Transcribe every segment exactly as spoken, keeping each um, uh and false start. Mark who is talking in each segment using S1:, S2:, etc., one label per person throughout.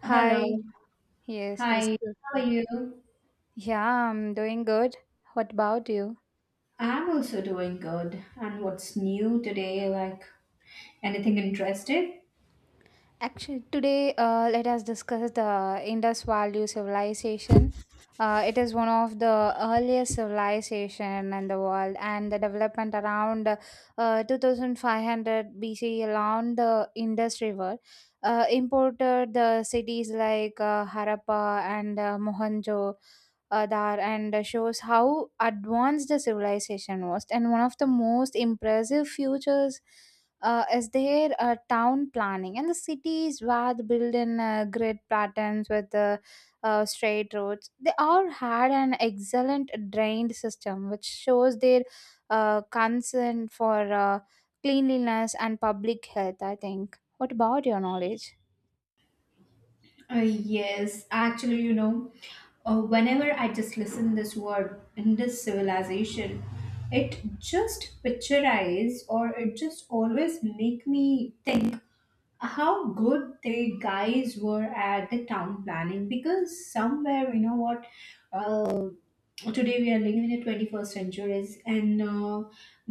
S1: Hi.
S2: Hello.
S1: Yes, it's
S2: Hi.
S1: good.
S2: How are you?
S1: Yeah, I'm doing good. What about you?
S2: I'm also doing good. And what's new today? Like anything interesting?
S1: Actually, today uh, let us discuss the Indus Valley civilization. Uh, it is one of the earliest civilization in the world, and the development around uh, two thousand five hundred B C along the Indus River uh, imported the cities like uh, Harappa and uh, Mohenjo Adar and shows how advanced the civilization was. And one of the most impressive features uh, is there uh, town planning, and the cities were built in uh, grid patterns with uh, uh, straight roads. They all had an excellent drained system, which shows their uh, concern for uh, cleanliness and public health. I think, what about your knowledge?
S2: Uh, yes, actually, you know, uh, whenever I just listen this word in this civilization, it just picturize or it just always make me think how good the guys were at the town planning because somewhere you know what uh, today we are living in the twenty-first centuries, and uh,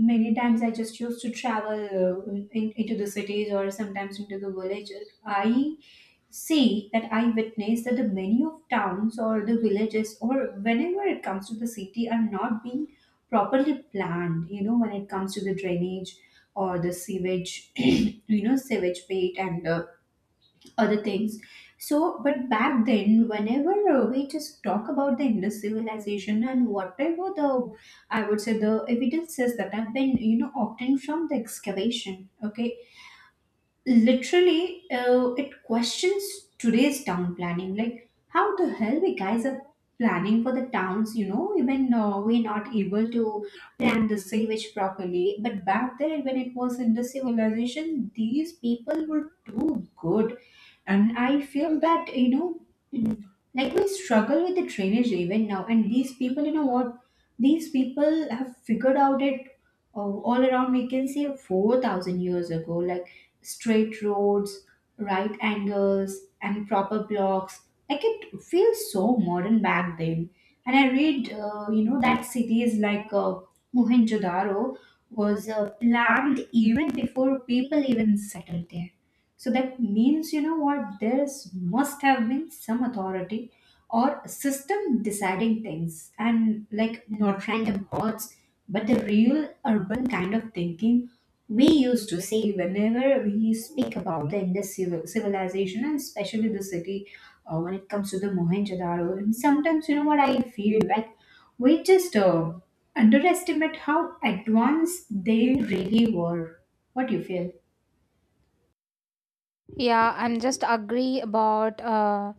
S2: many times I just used to travel uh, in, into the cities or sometimes into the villages. I see that, I witness that the many of towns or the villages or whenever it comes to the city are not being properly planned, you know, when it comes to the drainage or the sewage, you know, sewage bait and uh, other things. So, but back then, whenever uh, we just talk about the Indus civilization and whatever the, I would say the evidences that have been, you know, obtained from the excavation, okay, literally uh, it questions today's town planning, like how the hell the guys are planning for the towns. you know even uh, we're not able to plan the sewage properly. But back then when it was in the civilization, these people were too good, and I feel that, you know mm, like we struggle with the drainage even now, and these people, you know what these people have figured out it, uh, all around we can say four thousand years ago, like straight roads, right angles, and proper blocks. Like it feels so modern back then. And I read, uh, you know that cities like uh, mohenjo-daro was uh, planned even before people even settled there. So that means, you know what, there's must have been some authority or system deciding things, and like not random thoughts, but the real urban kind of thinking we used to see whenever we speak about the Indus civil, civilization, and especially the city uh, when it comes to the Mohenjo-daro. And sometimes, you know what, I feel like we just uh, underestimate how advanced they really were. What do you feel?
S1: Yeah, I'm just agree about uh,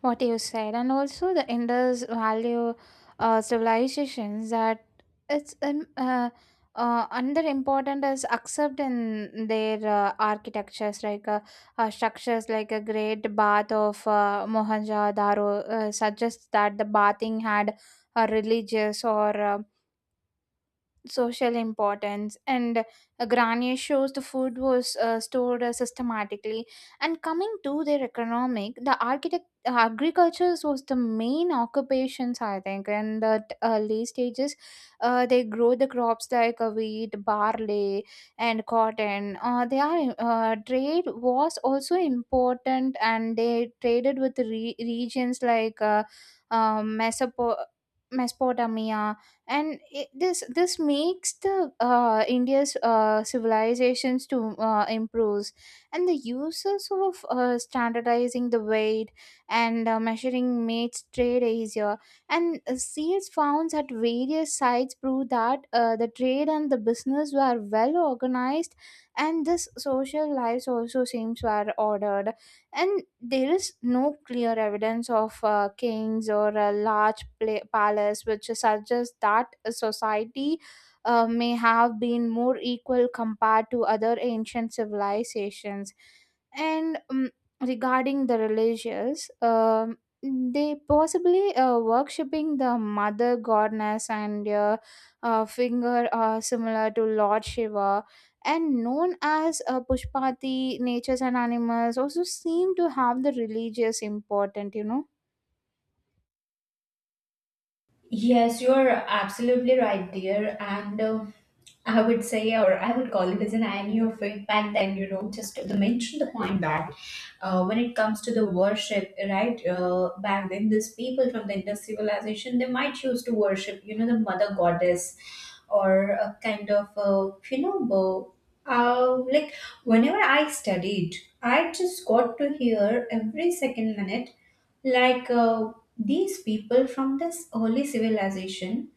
S1: what you said. And also the Indus value uh, civilizations, that it's um, uh, uh, under important is accept in their uh, architectures, like uh, uh, structures like a great bath of uh, Mohenjo-daro uh, suggests that the bathing had a religious or uh, social importance. And uh, granier shows the food was uh, stored uh, systematically. And coming to their economic, the architect agriculture was the main occupations, I think, in the t- early stages. Uh, they grow the crops like uh, wheat, barley, and cotton. Uh, they are uh, trade was also important, and they traded with the re- regions like uh, um, Mesopo- Mesopotamia. And it, this this makes the uh, India's uh, civilizations to uh, improves. And the uses of uh, standardizing the weight and uh, measuring mates trade easier. And uh, seals found at various sites prove that uh, the trade and the business were well organized. And this social lives also seems were ordered. And there is no clear evidence of uh, kings or a large pla- palace, which suggests that a society uh, may have been more equal compared to other ancient civilizations. And um, Regarding the religious, um, they possibly uh, worshipping the mother goddess and uh, uh, finger uh, similar to Lord Shiva and known as uh, Pushpati. Natures and animals also seem to have the religious important, you know.
S2: Yes, you're absolutely right, dear. And uh, I would say, or I would call it as an irony of it, back then, you know, just to mention the point that uh, when it comes to the worship, right, uh, back then, these people from the Indus civilization, they might choose to worship, you know, the mother goddess or a kind of, uh, you know, uh, uh, like whenever I studied, I just got to hear every second minute, like uh, these people from this early civilization,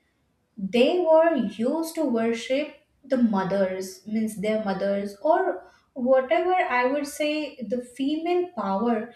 S2: they were used to worship the mothers, means their mothers, or whatever, I would say, the female power,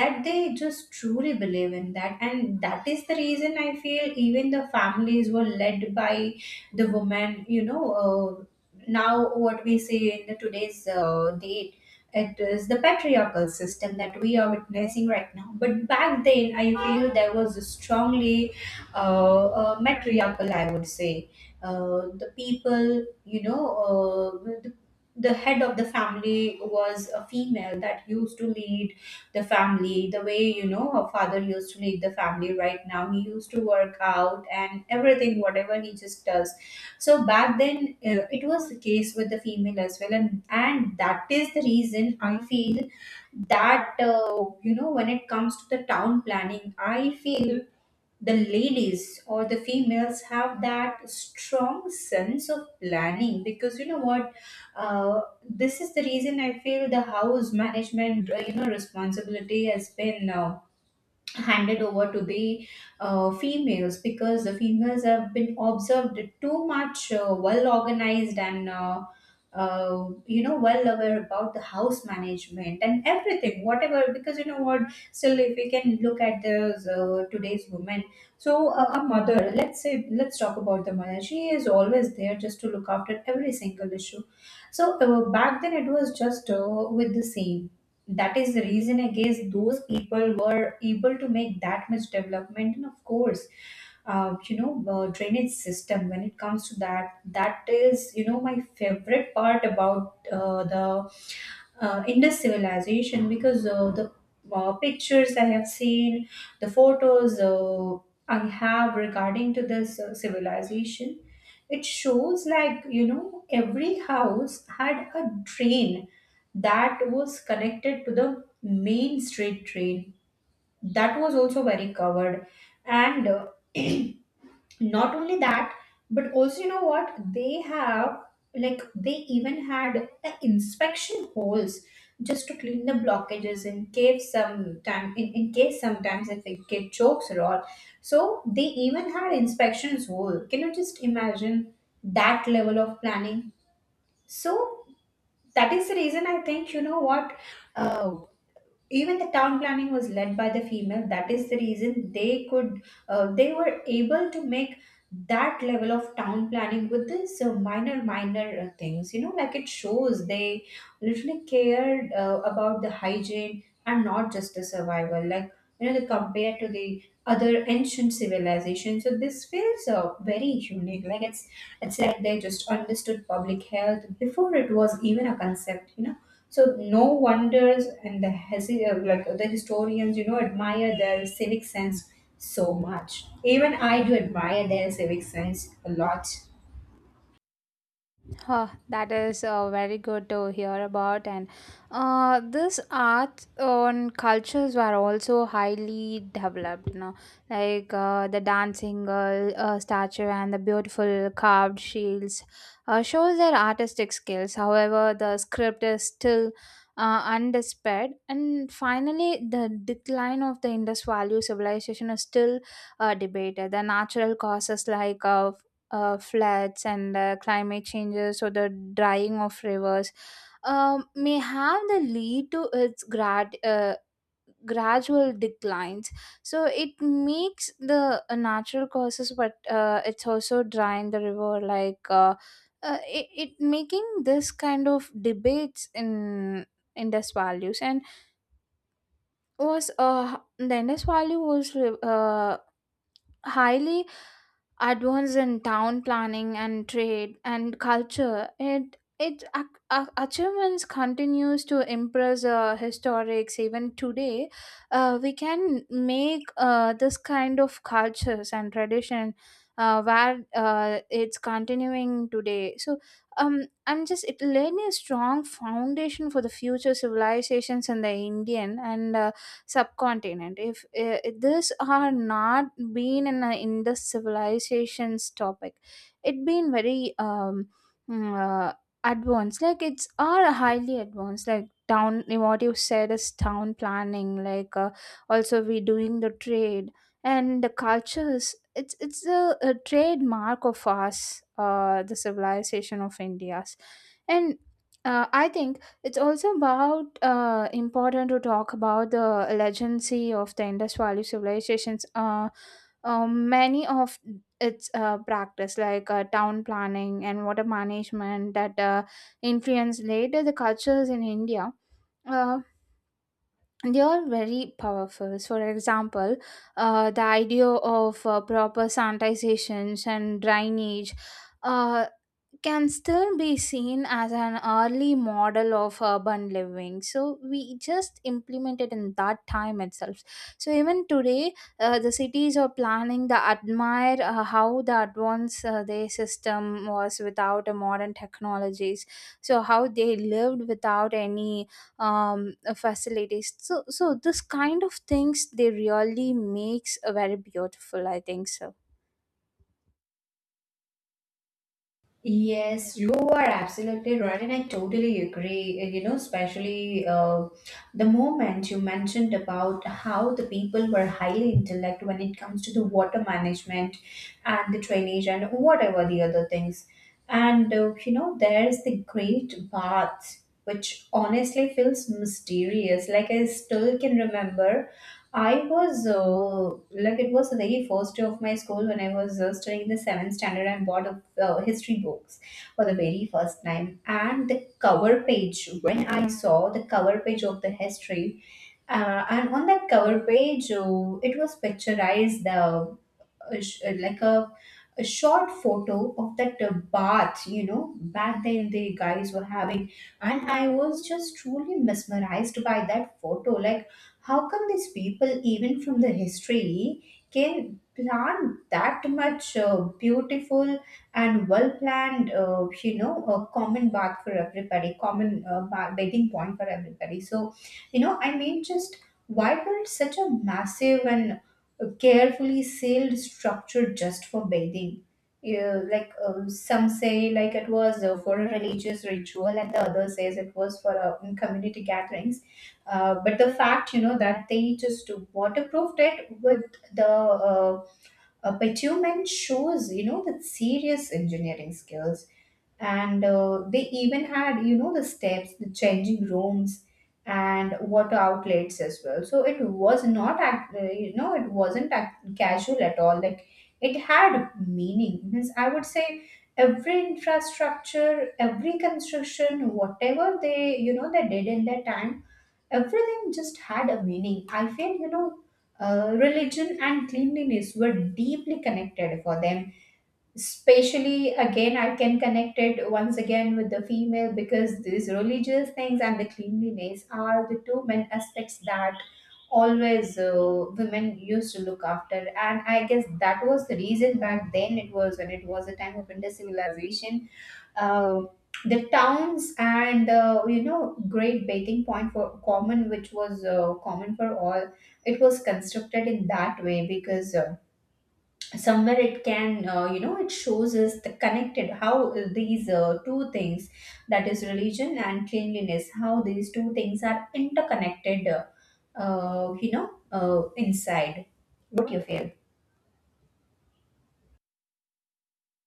S2: that they just truly believe in that. And that is the reason I feel even the families were led by the woman. you know uh, now what we see in the today's uh, date, it is the patriarchal system that we are witnessing right now. But back then I feel there was a strongly uh, uh, matriarchal, I would say. Uh, the people, you know, uh, the, the head of the family was a female that used to lead the family the way, you know, her father used to lead the family right now. He used to work out and everything, whatever he just does. So back then, uh, it was the case with the female as well. And, and that is the reason I feel that, uh, you know, when it comes to the town planning, I feel the ladies or the females have that strong sense of planning, because you know what uh, this is the reason I feel the house management uh, you know responsibility has been uh, handed over to the uh, females, because the females have been observed too much uh, well organized and uh, uh, you know well aware about the house management and everything whatever. Because you know what still if we can look at the uh, today's women, so uh, a mother, let's say, let's talk about the mother. She is always there just to look after every single issue. So uh, back then it was just uh, with the same. That is the reason I guess those people were able to make that much development. And of course, uh, you know uh, drainage system, when it comes to that, that is you know my favorite part about uh, the uh, Indus civilization, because uh, the uh, pictures I have seen, the photos uh, I have regarding to this uh, civilization, it shows like you know every house had a drain that was connected to the main street drain that was also very covered. And uh, not only that, but also you know what they have, like they even had the inspection holes just to clean the blockages in case sometime, in, in case sometimes if a kid chokes or all, so they even had inspections hole. Can you just imagine that level of planning? So that is the reason I think, you know what uh, even the town planning was led by the female. That is the reason they could, uh, they were able to make that level of town planning with this uh, minor minor uh, things. you know like it shows they literally cared uh, about the hygiene and not just the survival, like you know they compared to the other ancient civilizations. So this feels uh, very unique. Like it's it's like they just understood public health before it was even a concept. You know, so no wonders, and the hesi- uh, like the historians, you know, admire their civic sense so much. Even I do admire their civic sense a lot.
S1: Huh, that is uh, very good to hear about. And uh, this art on cultures were also highly developed. You know, like uh, the dancing uh, uh, statue and the beautiful carved shields uh, shows their artistic skills. However, the script is still uh, undisputed. And finally, the decline of the Indus Valley civilization is still uh, debated. The natural causes like uh, uh, floods and uh, climate changes or the drying of rivers um, may have the lead to its grad, uh, gradual declines. So it makes the uh, natural causes, but uh, it's also drying the river like. Uh, uh, it, it making this kind of debates in Indus values. And was uh the Indus value was uh, highly advance in town planning and trade and culture. It it ac- ac- achievements continues to impress uh, historics even today. Uh, we can make uh, this kind of cultures and tradition uh, where uh, it's continuing today. So um, I'm just it laying a strong foundation for the future civilizations in the Indian and uh, subcontinent. If uh, this are not been in, a, in the civilizations topic, it been very um, mm, uh, advanced. Like it's are highly advanced, like town, what you said is town planning. Like uh, also we doing the trade and the cultures. It's it's a, a trademark of us, uh, the civilization of India's. And uh, I think it's also about uh, important to talk about the legacy of the Indus Valley civilizations. Uh, um, many of its uh, practice like uh, town planning and water management that uh, influenced later the cultures in India. Uh, they are very powerful. So, for example, uh, the idea of uh, proper sanitizations and drainage uh, can still be seen as an early model of urban living. So we just implemented in that time itself. So even today, uh, the cities are planning the admire uh, how the advanced uh, their system was without a modern technologies. So how they lived without any um, uh, facilities. So, so this kind of things they really makes a very beautiful. I think so.
S2: Yes, you are absolutely right, and I totally agree. You know, especially uh, the moment you mentioned about how the people were highly intellect when it comes to the water management and the drainage and whatever the other things. And uh, you know, there's the great bath, which honestly feels mysterious. Like I still can remember, I was uh, like it was the very first day of my school when I was uh, studying the seventh standard and bought a, uh, history books for the very first time. And the cover page, when I saw the cover page of the history, uh, and on that cover page, uh, it was picturized the a, sh- uh, like a a short photo of that uh, bath. you know back then the guys were having, and I was just truly mesmerized by that photo, like how come these people even from the history can plan that much uh, beautiful and well planned, uh, you know a common bath for everybody, common uh, ba- bathing point for everybody. So you know I mean, just why build such a massive and a carefully sealed structure just for bathing? Yeah, like um, some say, like it was uh, for a religious ritual, and the other says it was for uh, in community gatherings. Uh, but the fact, you know, that they just waterproofed it with the uh, uh, bitumen shows, you know, that serious engineering skills. And uh, they even had, you know the steps, the changing rooms, and water outlets as well. So it was not act- uh, you know it wasn't act- casual at all. Like it had meaning, means I would say, every infrastructure, every construction whatever they, you know they did in their time, everything just had a meaning, I feel. you know uh, religion and cleanliness were deeply connected for them. Especially again, I can connect it once again with the female, because these religious things and the cleanliness are the two main aspects that always uh, women used to look after. And I guess that was the reason back then, it was when it was a time of Indus civilization, uh, the towns and, uh, you know great bathing point for common, which was uh, common for all, it was constructed in that way because uh, somewhere it can, uh, you know it shows us the connected how these uh, two things, that is religion and cleanliness, how these two things are interconnected, uh, uh, you know uh, inside. What do you feel?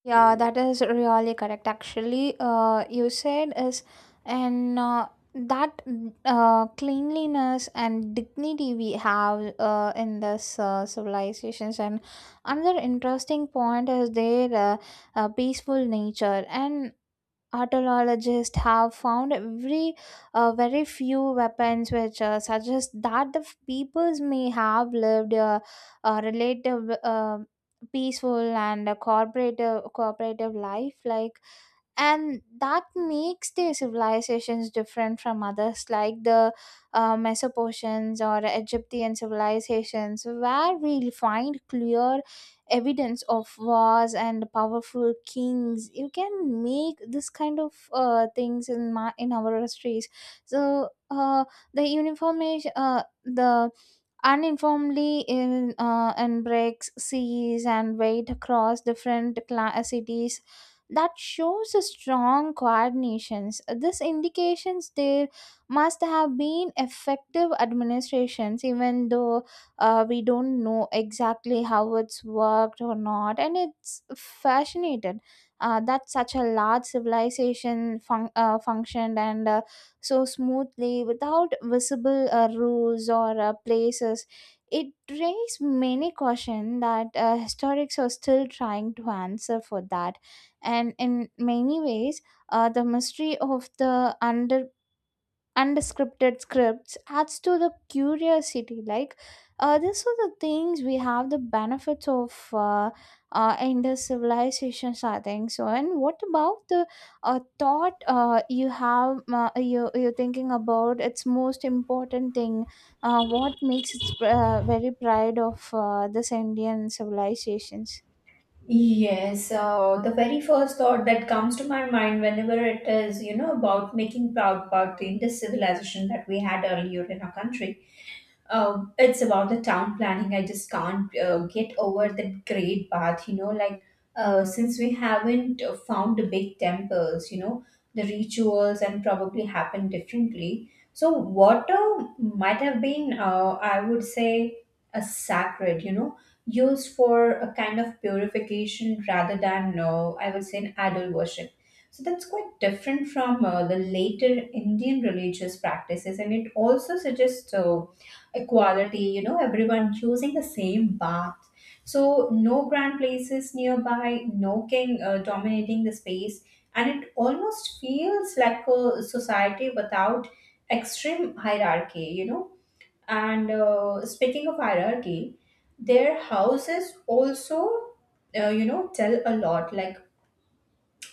S1: Yeah, that is really correct. Actually, uh, you said is. And uh, that uh, cleanliness and dignity we have uh, in this uh, civilizations. And another interesting point is their uh, uh, peaceful nature. And autologists have found every uh, very few weapons, which uh, suggest that the f- peoples may have lived a, a relative uh, peaceful and a cooperative cooperative life. Like, and that makes their civilizations different from others, like the uh, Mesopotamians or Egyptian civilizations, where we find clear evidence of wars and powerful kings. You can make this kind of uh, things in my in our histories. So uh, the uniformation, uh, the uninformally in uh, in breaks seas and weight across different cla- uh, cities, that shows a strong coordinations. This indications there must have been effective administrations, even though uh, we don't know exactly how it's worked or not. And it's fascinated uh, that such a large civilization fun- uh, functioned and uh, so smoothly without visible uh, rules or uh, places. It raised many questions that uh, historics are still trying to answer for that. And in many ways, uh, the mystery of the under unscripted scripts adds to the curiosity. Like uh, these are the things we have the benefits of uh, uh, in the civilizations, I think so. And what about the uh, thought uh, you have, uh, you, you're thinking about its most important thing, uh, what makes it uh, very pride of uh, this Indian civilizations?
S2: Yes, uh, the very first thought that comes to my mind whenever it is, you know, about making proud about the Indus civilization that we had earlier in our country. Um, it's about the town planning. I just can't uh, get over that great bath, you know, like uh, since we haven't uh, found the big temples, you know, the rituals and probably happen differently. So water might have been, uh, I would say, a sacred, you know, used for a kind of purification rather than, uh, I would say, an idol worship. So that's quite different from uh, the later Indian religious practices, and it also suggests uh, equality, you know, everyone choosing the same path. So, no grand places nearby, no king uh, dominating the space, and it almost feels like a society without extreme hierarchy, you know. And uh, speaking of hierarchy, their houses also, uh, you know, tell a lot. Like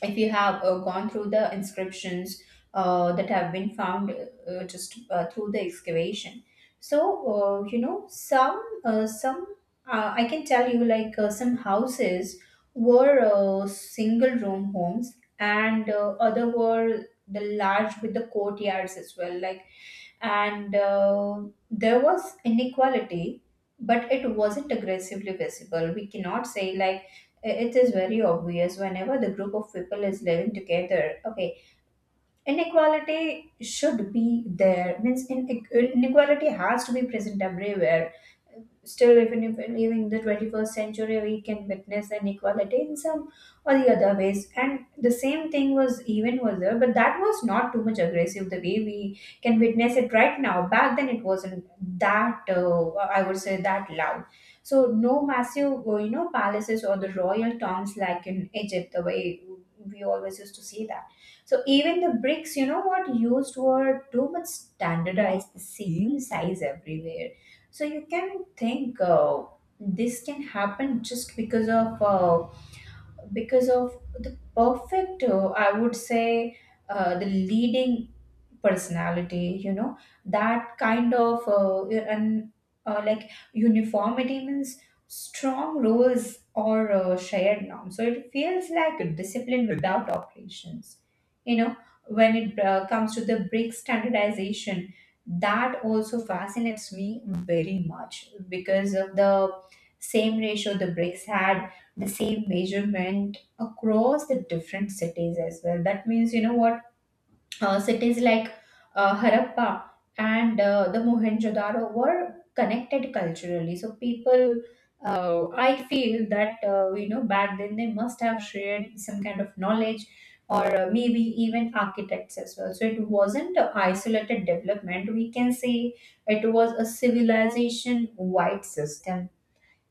S2: if you have uh, gone through the inscriptions uh, that have been found, uh, just uh, through the excavation. So uh, you know some uh, some uh, i can tell you, like, uh, some houses were uh, single room homes, and uh, other were the large with the courtyards as well. Like, and uh, there was inequality, but it wasn't aggressively visible. We cannot say, like, i- it is very obvious whenever the group of people is living together. Okay, inequality should be there, means in, inequality has to be present everywhere. Still, even if we live in the twenty-first century, we can witness inequality in some or the other ways. And the same thing was even was there, but that was not too much aggressive the way we can witness it right now. Back then, it wasn't that, uh, I would say, that loud. So, no massive, uh, you know, palaces or the royal tombs like in Egypt, the way we always used to see that. So even the bricks, you know what used were too much standardized, the same size everywhere. So you can think, uh, this can happen just because of uh, because of the perfect. Uh, I would say uh, the leading personality, you know that kind of uh, and uh, like, uniformity means strong rules or uh, shared norms, so it feels like a discipline without operations. you know when it uh, comes to the brick standardization, that also fascinates me very much, because of the same ratio the bricks had, the same measurement across the different cities as well. That means, you know what, uh, cities like uh, Harappa and uh, the Mohenjo-daro were connected culturally. So people, uh, I feel that uh, you know back then they must have shared some kind of knowledge, or uh, maybe even architects as well. So it wasn't an isolated development. We can say it was a civilization-wide system,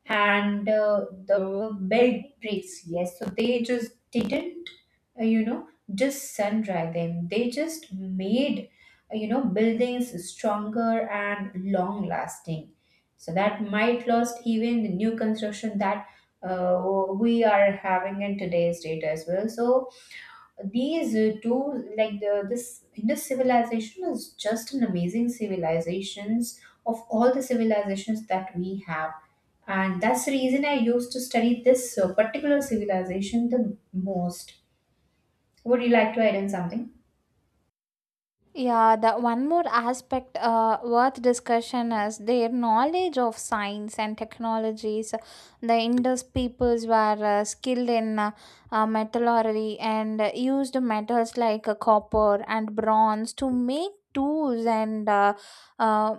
S2: and uh, the Belgians, yes, so they just didn't, uh, you know, just sun dry them. They just made, uh, you know, buildings stronger and long lasting. So that might lost even the new construction that uh, we are having in today's date as well. So these uh, two, like the this Indus civilization is just an amazing civilizations of all the civilizations that we have, and that's the reason I used to study this uh, particular civilization the most. Would you like to add in something?
S1: Yeah, the one more aspect uh, worth discussion is their knowledge of science and technologies. The Indus peoples were uh, skilled in uh, uh, metallurgy and used metals like uh, copper and bronze to make tools and uh, uh,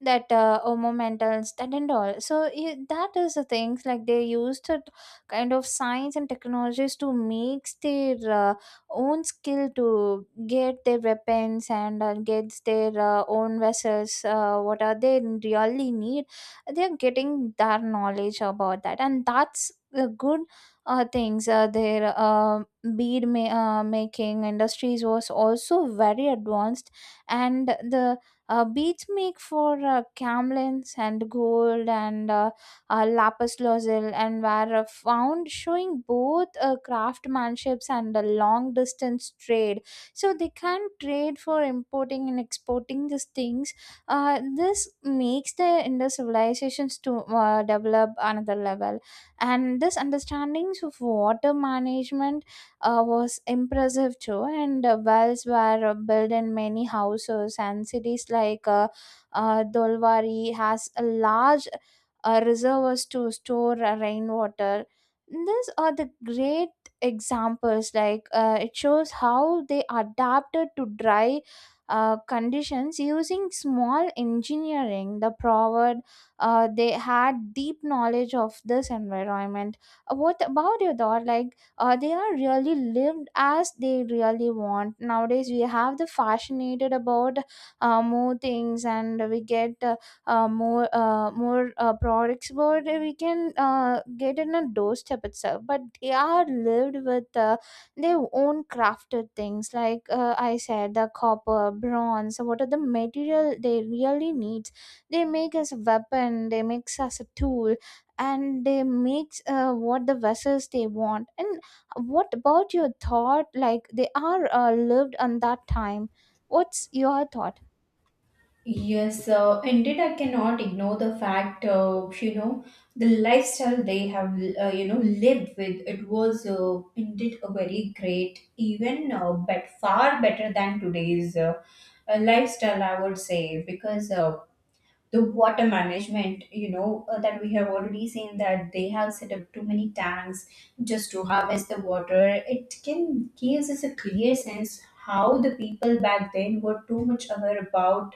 S1: that uh, omomentals that and all. So yeah, that is the things like they used it kind of science and technologies to mix their uh, own skill to get their weapons and uh, gets their uh, own vessels, uh, what are they really need. They're getting that knowledge about that, and that's the good uh, things. Uh, their uh, bead ma- uh, making industries was also very advanced. And the uh, beads make for uh, camlins and gold and uh, uh, lapis lazuli and were uh, found, showing both uh, craftsmanships and a long distance trade. So they can trade for importing and exporting these things. Uh, this makes the Indus civilizations to uh, develop another level. And this understandings of water management uh, was impressive too. And uh, wells were uh, built in many houses and cities, like uh, uh, Dolwari has a large uh, reservoirs to store uh, rainwater. These are the great examples. Like uh, it shows how they adapted to dry uh, conditions using small engineering. The proverb, uh, they had deep knowledge of this environment. Uh, What about your thought? Like uh, they are really lived as they really want. Nowadays we have the fascinated about uh, more things, and we get uh, uh, more uh, more uh, products what we can uh, get in a doorstep itself. But they are lived with uh, their own crafted things, like uh, I said the copper bronze, what are the material they really need. They make us a weapon, they makes us a tool, and they makes uh, what the vessels they want. And what about your thought? Like they are uh, lived on that time, what's your thought?
S2: Yes, uh, indeed, I cannot ignore the fact, uh, you know, the lifestyle they have, uh, you know, lived with. It was uh, indeed a very great, even uh, but far better than today's. Uh, a lifestyle, i would say, because uh, the water management, you know uh, that we have already seen, that they have set up too many tanks just to harvest the water. It can gives us a clear sense how the people back then were too much aware about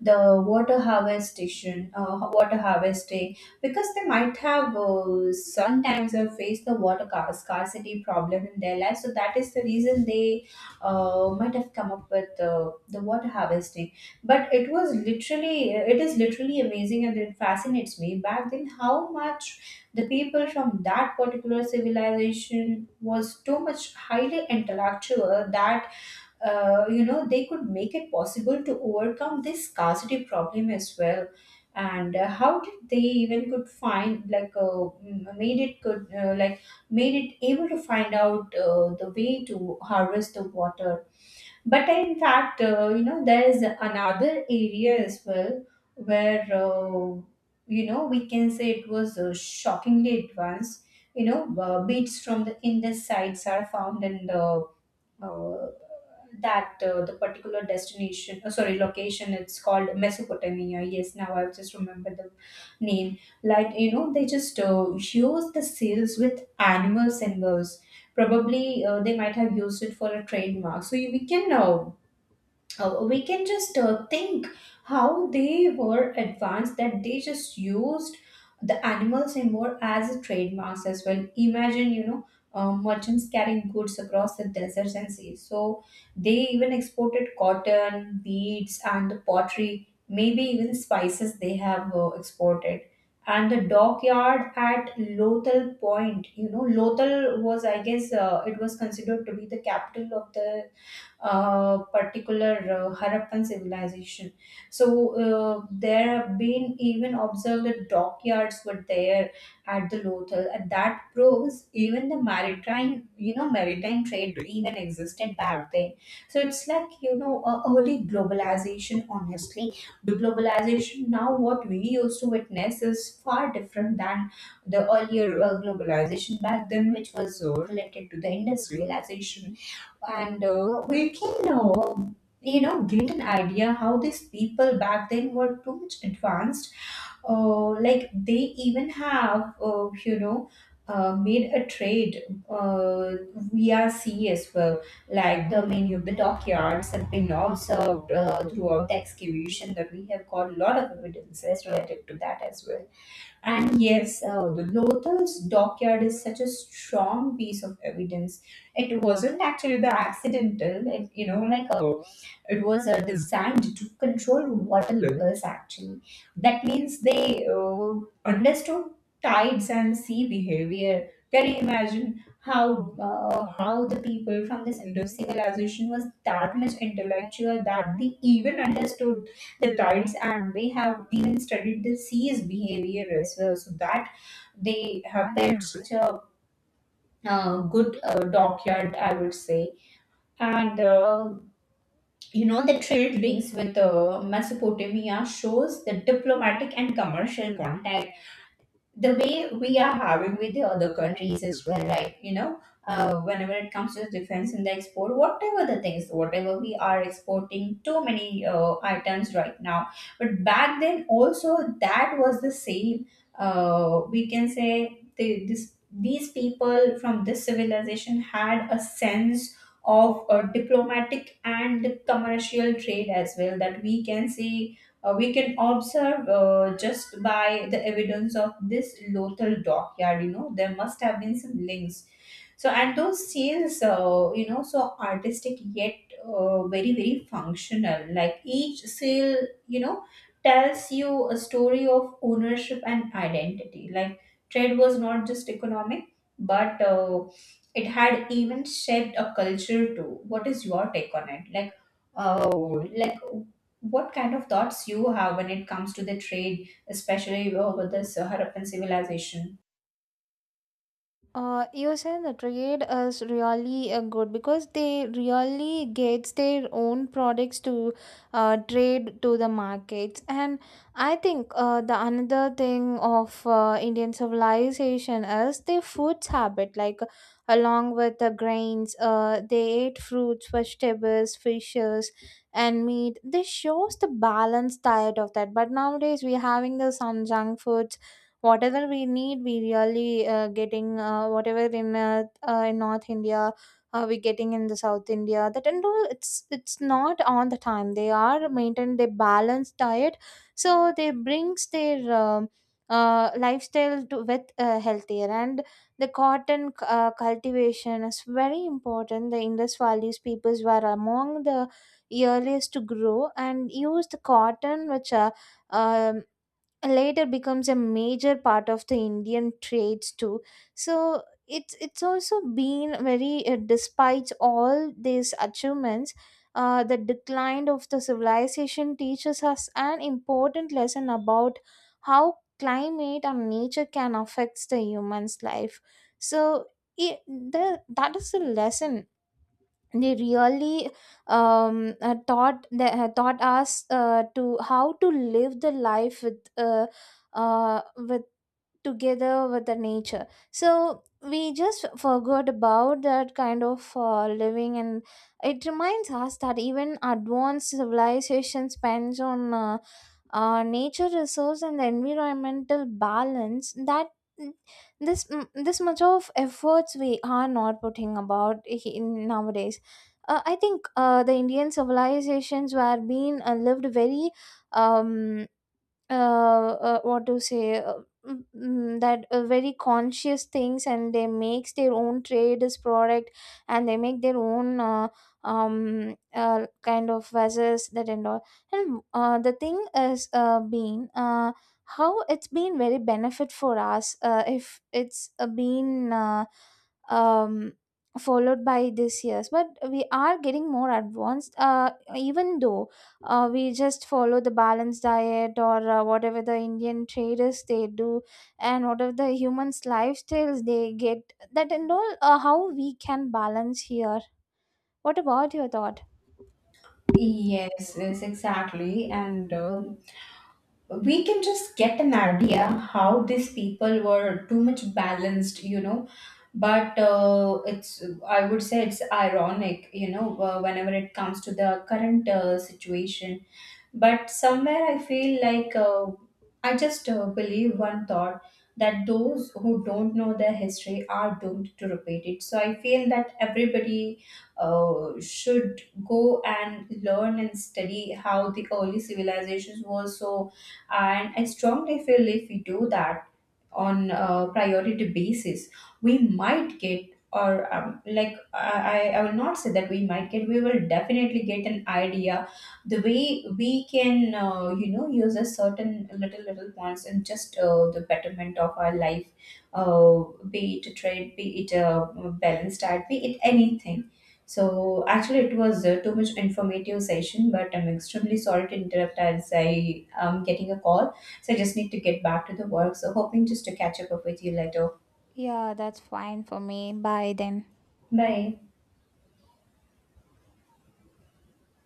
S2: the water harvestation, uh, water harvesting, because they might have uh, sometimes have faced the water ca- scarcity problem in their life. So that is the reason they uh, might have come up with uh, the water harvesting. But it was literally, it is literally amazing, and it fascinates me back then how much the people from that particular civilization was too much highly intellectual, that uh, you know they could make it possible to overcome this scarcity problem as well. And uh, how did they even could find, like, uh, m- made it could uh, like made it able to find out uh, the way to harvest the water. But in fact, uh, you know there is another area as well, where uh, you know we can say it was uh, shockingly advanced. You know uh, beads from the Indus sites are found in the uh, that uh, the particular destination, uh, sorry, location. It's called Mesopotamia. Yes, now I've just remembered the name. Like, you know they just uh, use the seals with animal symbols. Probably uh, they might have used it for a trademark. So you, we can uh, uh, we can just uh, think how they were advanced, that they just used the animal symbol as a trademarks as well. Imagine, you know, uh, merchants carrying goods across the deserts and seas, so they even exported cotton beads and the pottery, maybe even spices they have uh, exported. And the dockyard at Lothal point, you know Lothal was, i guess, uh, it was considered to be the capital of the uh, particular uh, Harappan civilization. So uh, there have been even observed that dockyards were there at the Lothal, and that proves even the maritime, you know, maritime trade even existed back then. So it's like, you know, a early globalization. Honestly, the globalization now what we used to witness is far different than the earlier uh, globalization back then, which was uh, related to the industrialization. And uh, we can, uh, you know get an idea how these people back then were too much advanced. Uh, like they even have, uh, you know uh, made a trade uh, via sea as well. Like, the many of the dockyards have been observed uh, throughout the excavation, that we have got a lot of evidences related to that as well. And yes, uh, the Lothar's dockyard is such a strong piece of evidence. It wasn't actually the accidental, like, you know, like a, it was uh, designed to control water levels actually. That means they uh, understood tides and sea behavior. Can you imagine how uh, how the people from this Indo civilization was that much intellectual, that they even understood rights, and they have even studied the sea's behavior as well, so that they have that such a uh, good uh, dockyard, i would say. And uh, you know the trade links with uh, Mesopotamia shows the diplomatic and commercial contact, the way we are harbored with the other countries as well, right? You know, uh, whenever it comes to defense and the export, whatever the things, whatever we are exporting, too many uh, items right now. But back then, also that was the same. Uh, we can say the, this these people from this civilization had a sense of uh, diplomatic and commercial trade as well, that we can say, uh, we can observe uh, just by the evidence of this Lothal dockyard. You know, there must have been some links. So and those sales, uh, you know so artistic yet uh, very, very functional. Like each sale, you know tells you a story of ownership and identity. Like, trade was not just economic, but uh, it had even shaped a culture too. What is your take on it? Like uh, like what kind of thoughts you have when it comes to the trade, especially uh, with this uh, Harappan civilization?
S1: Uh, you said the trade is really uh, good, because they really gets their own products to uh, trade to the markets. And I think uh, the another thing of uh, Indian civilization is their food habit. Like along with the grains, uh, they ate fruits, vegetables, fishes, and meat. This shows the balanced diet of that. But nowadays we're having the some junk foods, whatever we need we really uh, getting uh, whatever in uh, uh, in North India, uh, we getting in the South India, that and all. it's it's not all the time they are maintain their balanced diet. So they brings their um uh, lifestyle to with uh, healthier. And the cotton uh, cultivation is very important. The Indus valleys peoples were among the earliest to grow and use the cotton, which uh, um, later becomes a major part of the Indian trades too. So it's it's also been very uh, despite all these achievements, uh, the decline of the civilization teaches us an important lesson about how climate and nature can affect the human's life. So it, the, that is a lesson they really um, uh, taught. They, uh, taught us uh, to how to live the life with uh, uh, with together with the nature. So we just forgot about that kind of uh, living. And it reminds us that even advanced civilization spends on uh, uh, nature resource and the environmental balance. That mm, this mm, this much of efforts we are not putting about in nowadays. uh, I think uh, the Indian civilizations were being uh, lived very um uh, uh, what to say, uh, mm, mm, that uh, very conscious things. And they makes their own trade as product, and they make their own uh, um uh, kind of vessels that and all. And uh, the thing is uh, been uh, how it's been very benefit for us uh, if it's uh, been uh, um followed by this years. But we are getting more advanced, uh, even though uh, we just follow the balanced diet or uh, whatever the Indian traders they do, and whatever the humans lifestyles they get that and all, uh, how we can balance here? What about your thought?
S2: Yes, yes, exactly. And uh, we can just get an idea how these people were too much balanced, you know. But uh, it's, I would say it's ironic, you know, uh, whenever it comes to the current uh, situation. But somewhere I feel like, uh, I just uh, believe one thought, that those who don't know their history are doomed to repeat it. So I feel that everybody uh, should go and learn and study how the early civilizations were. So, and I strongly feel, if we do that on a priority basis, we might get. Or um, like, I, I I will not say that we might get, we will definitely get an idea the way we can uh, you know use a certain little little points, and just uh, the betterment of our life. uh, be it a trade, be it a balanced diet, be it anything. So actually, it was uh, too much informative session, but i'm extremely sorry to interrupt as i am getting a call. So i just need to get back to the work. So hoping just to catch up with you later.
S1: Yeah, that's fine for me. Bye then.
S2: Bye.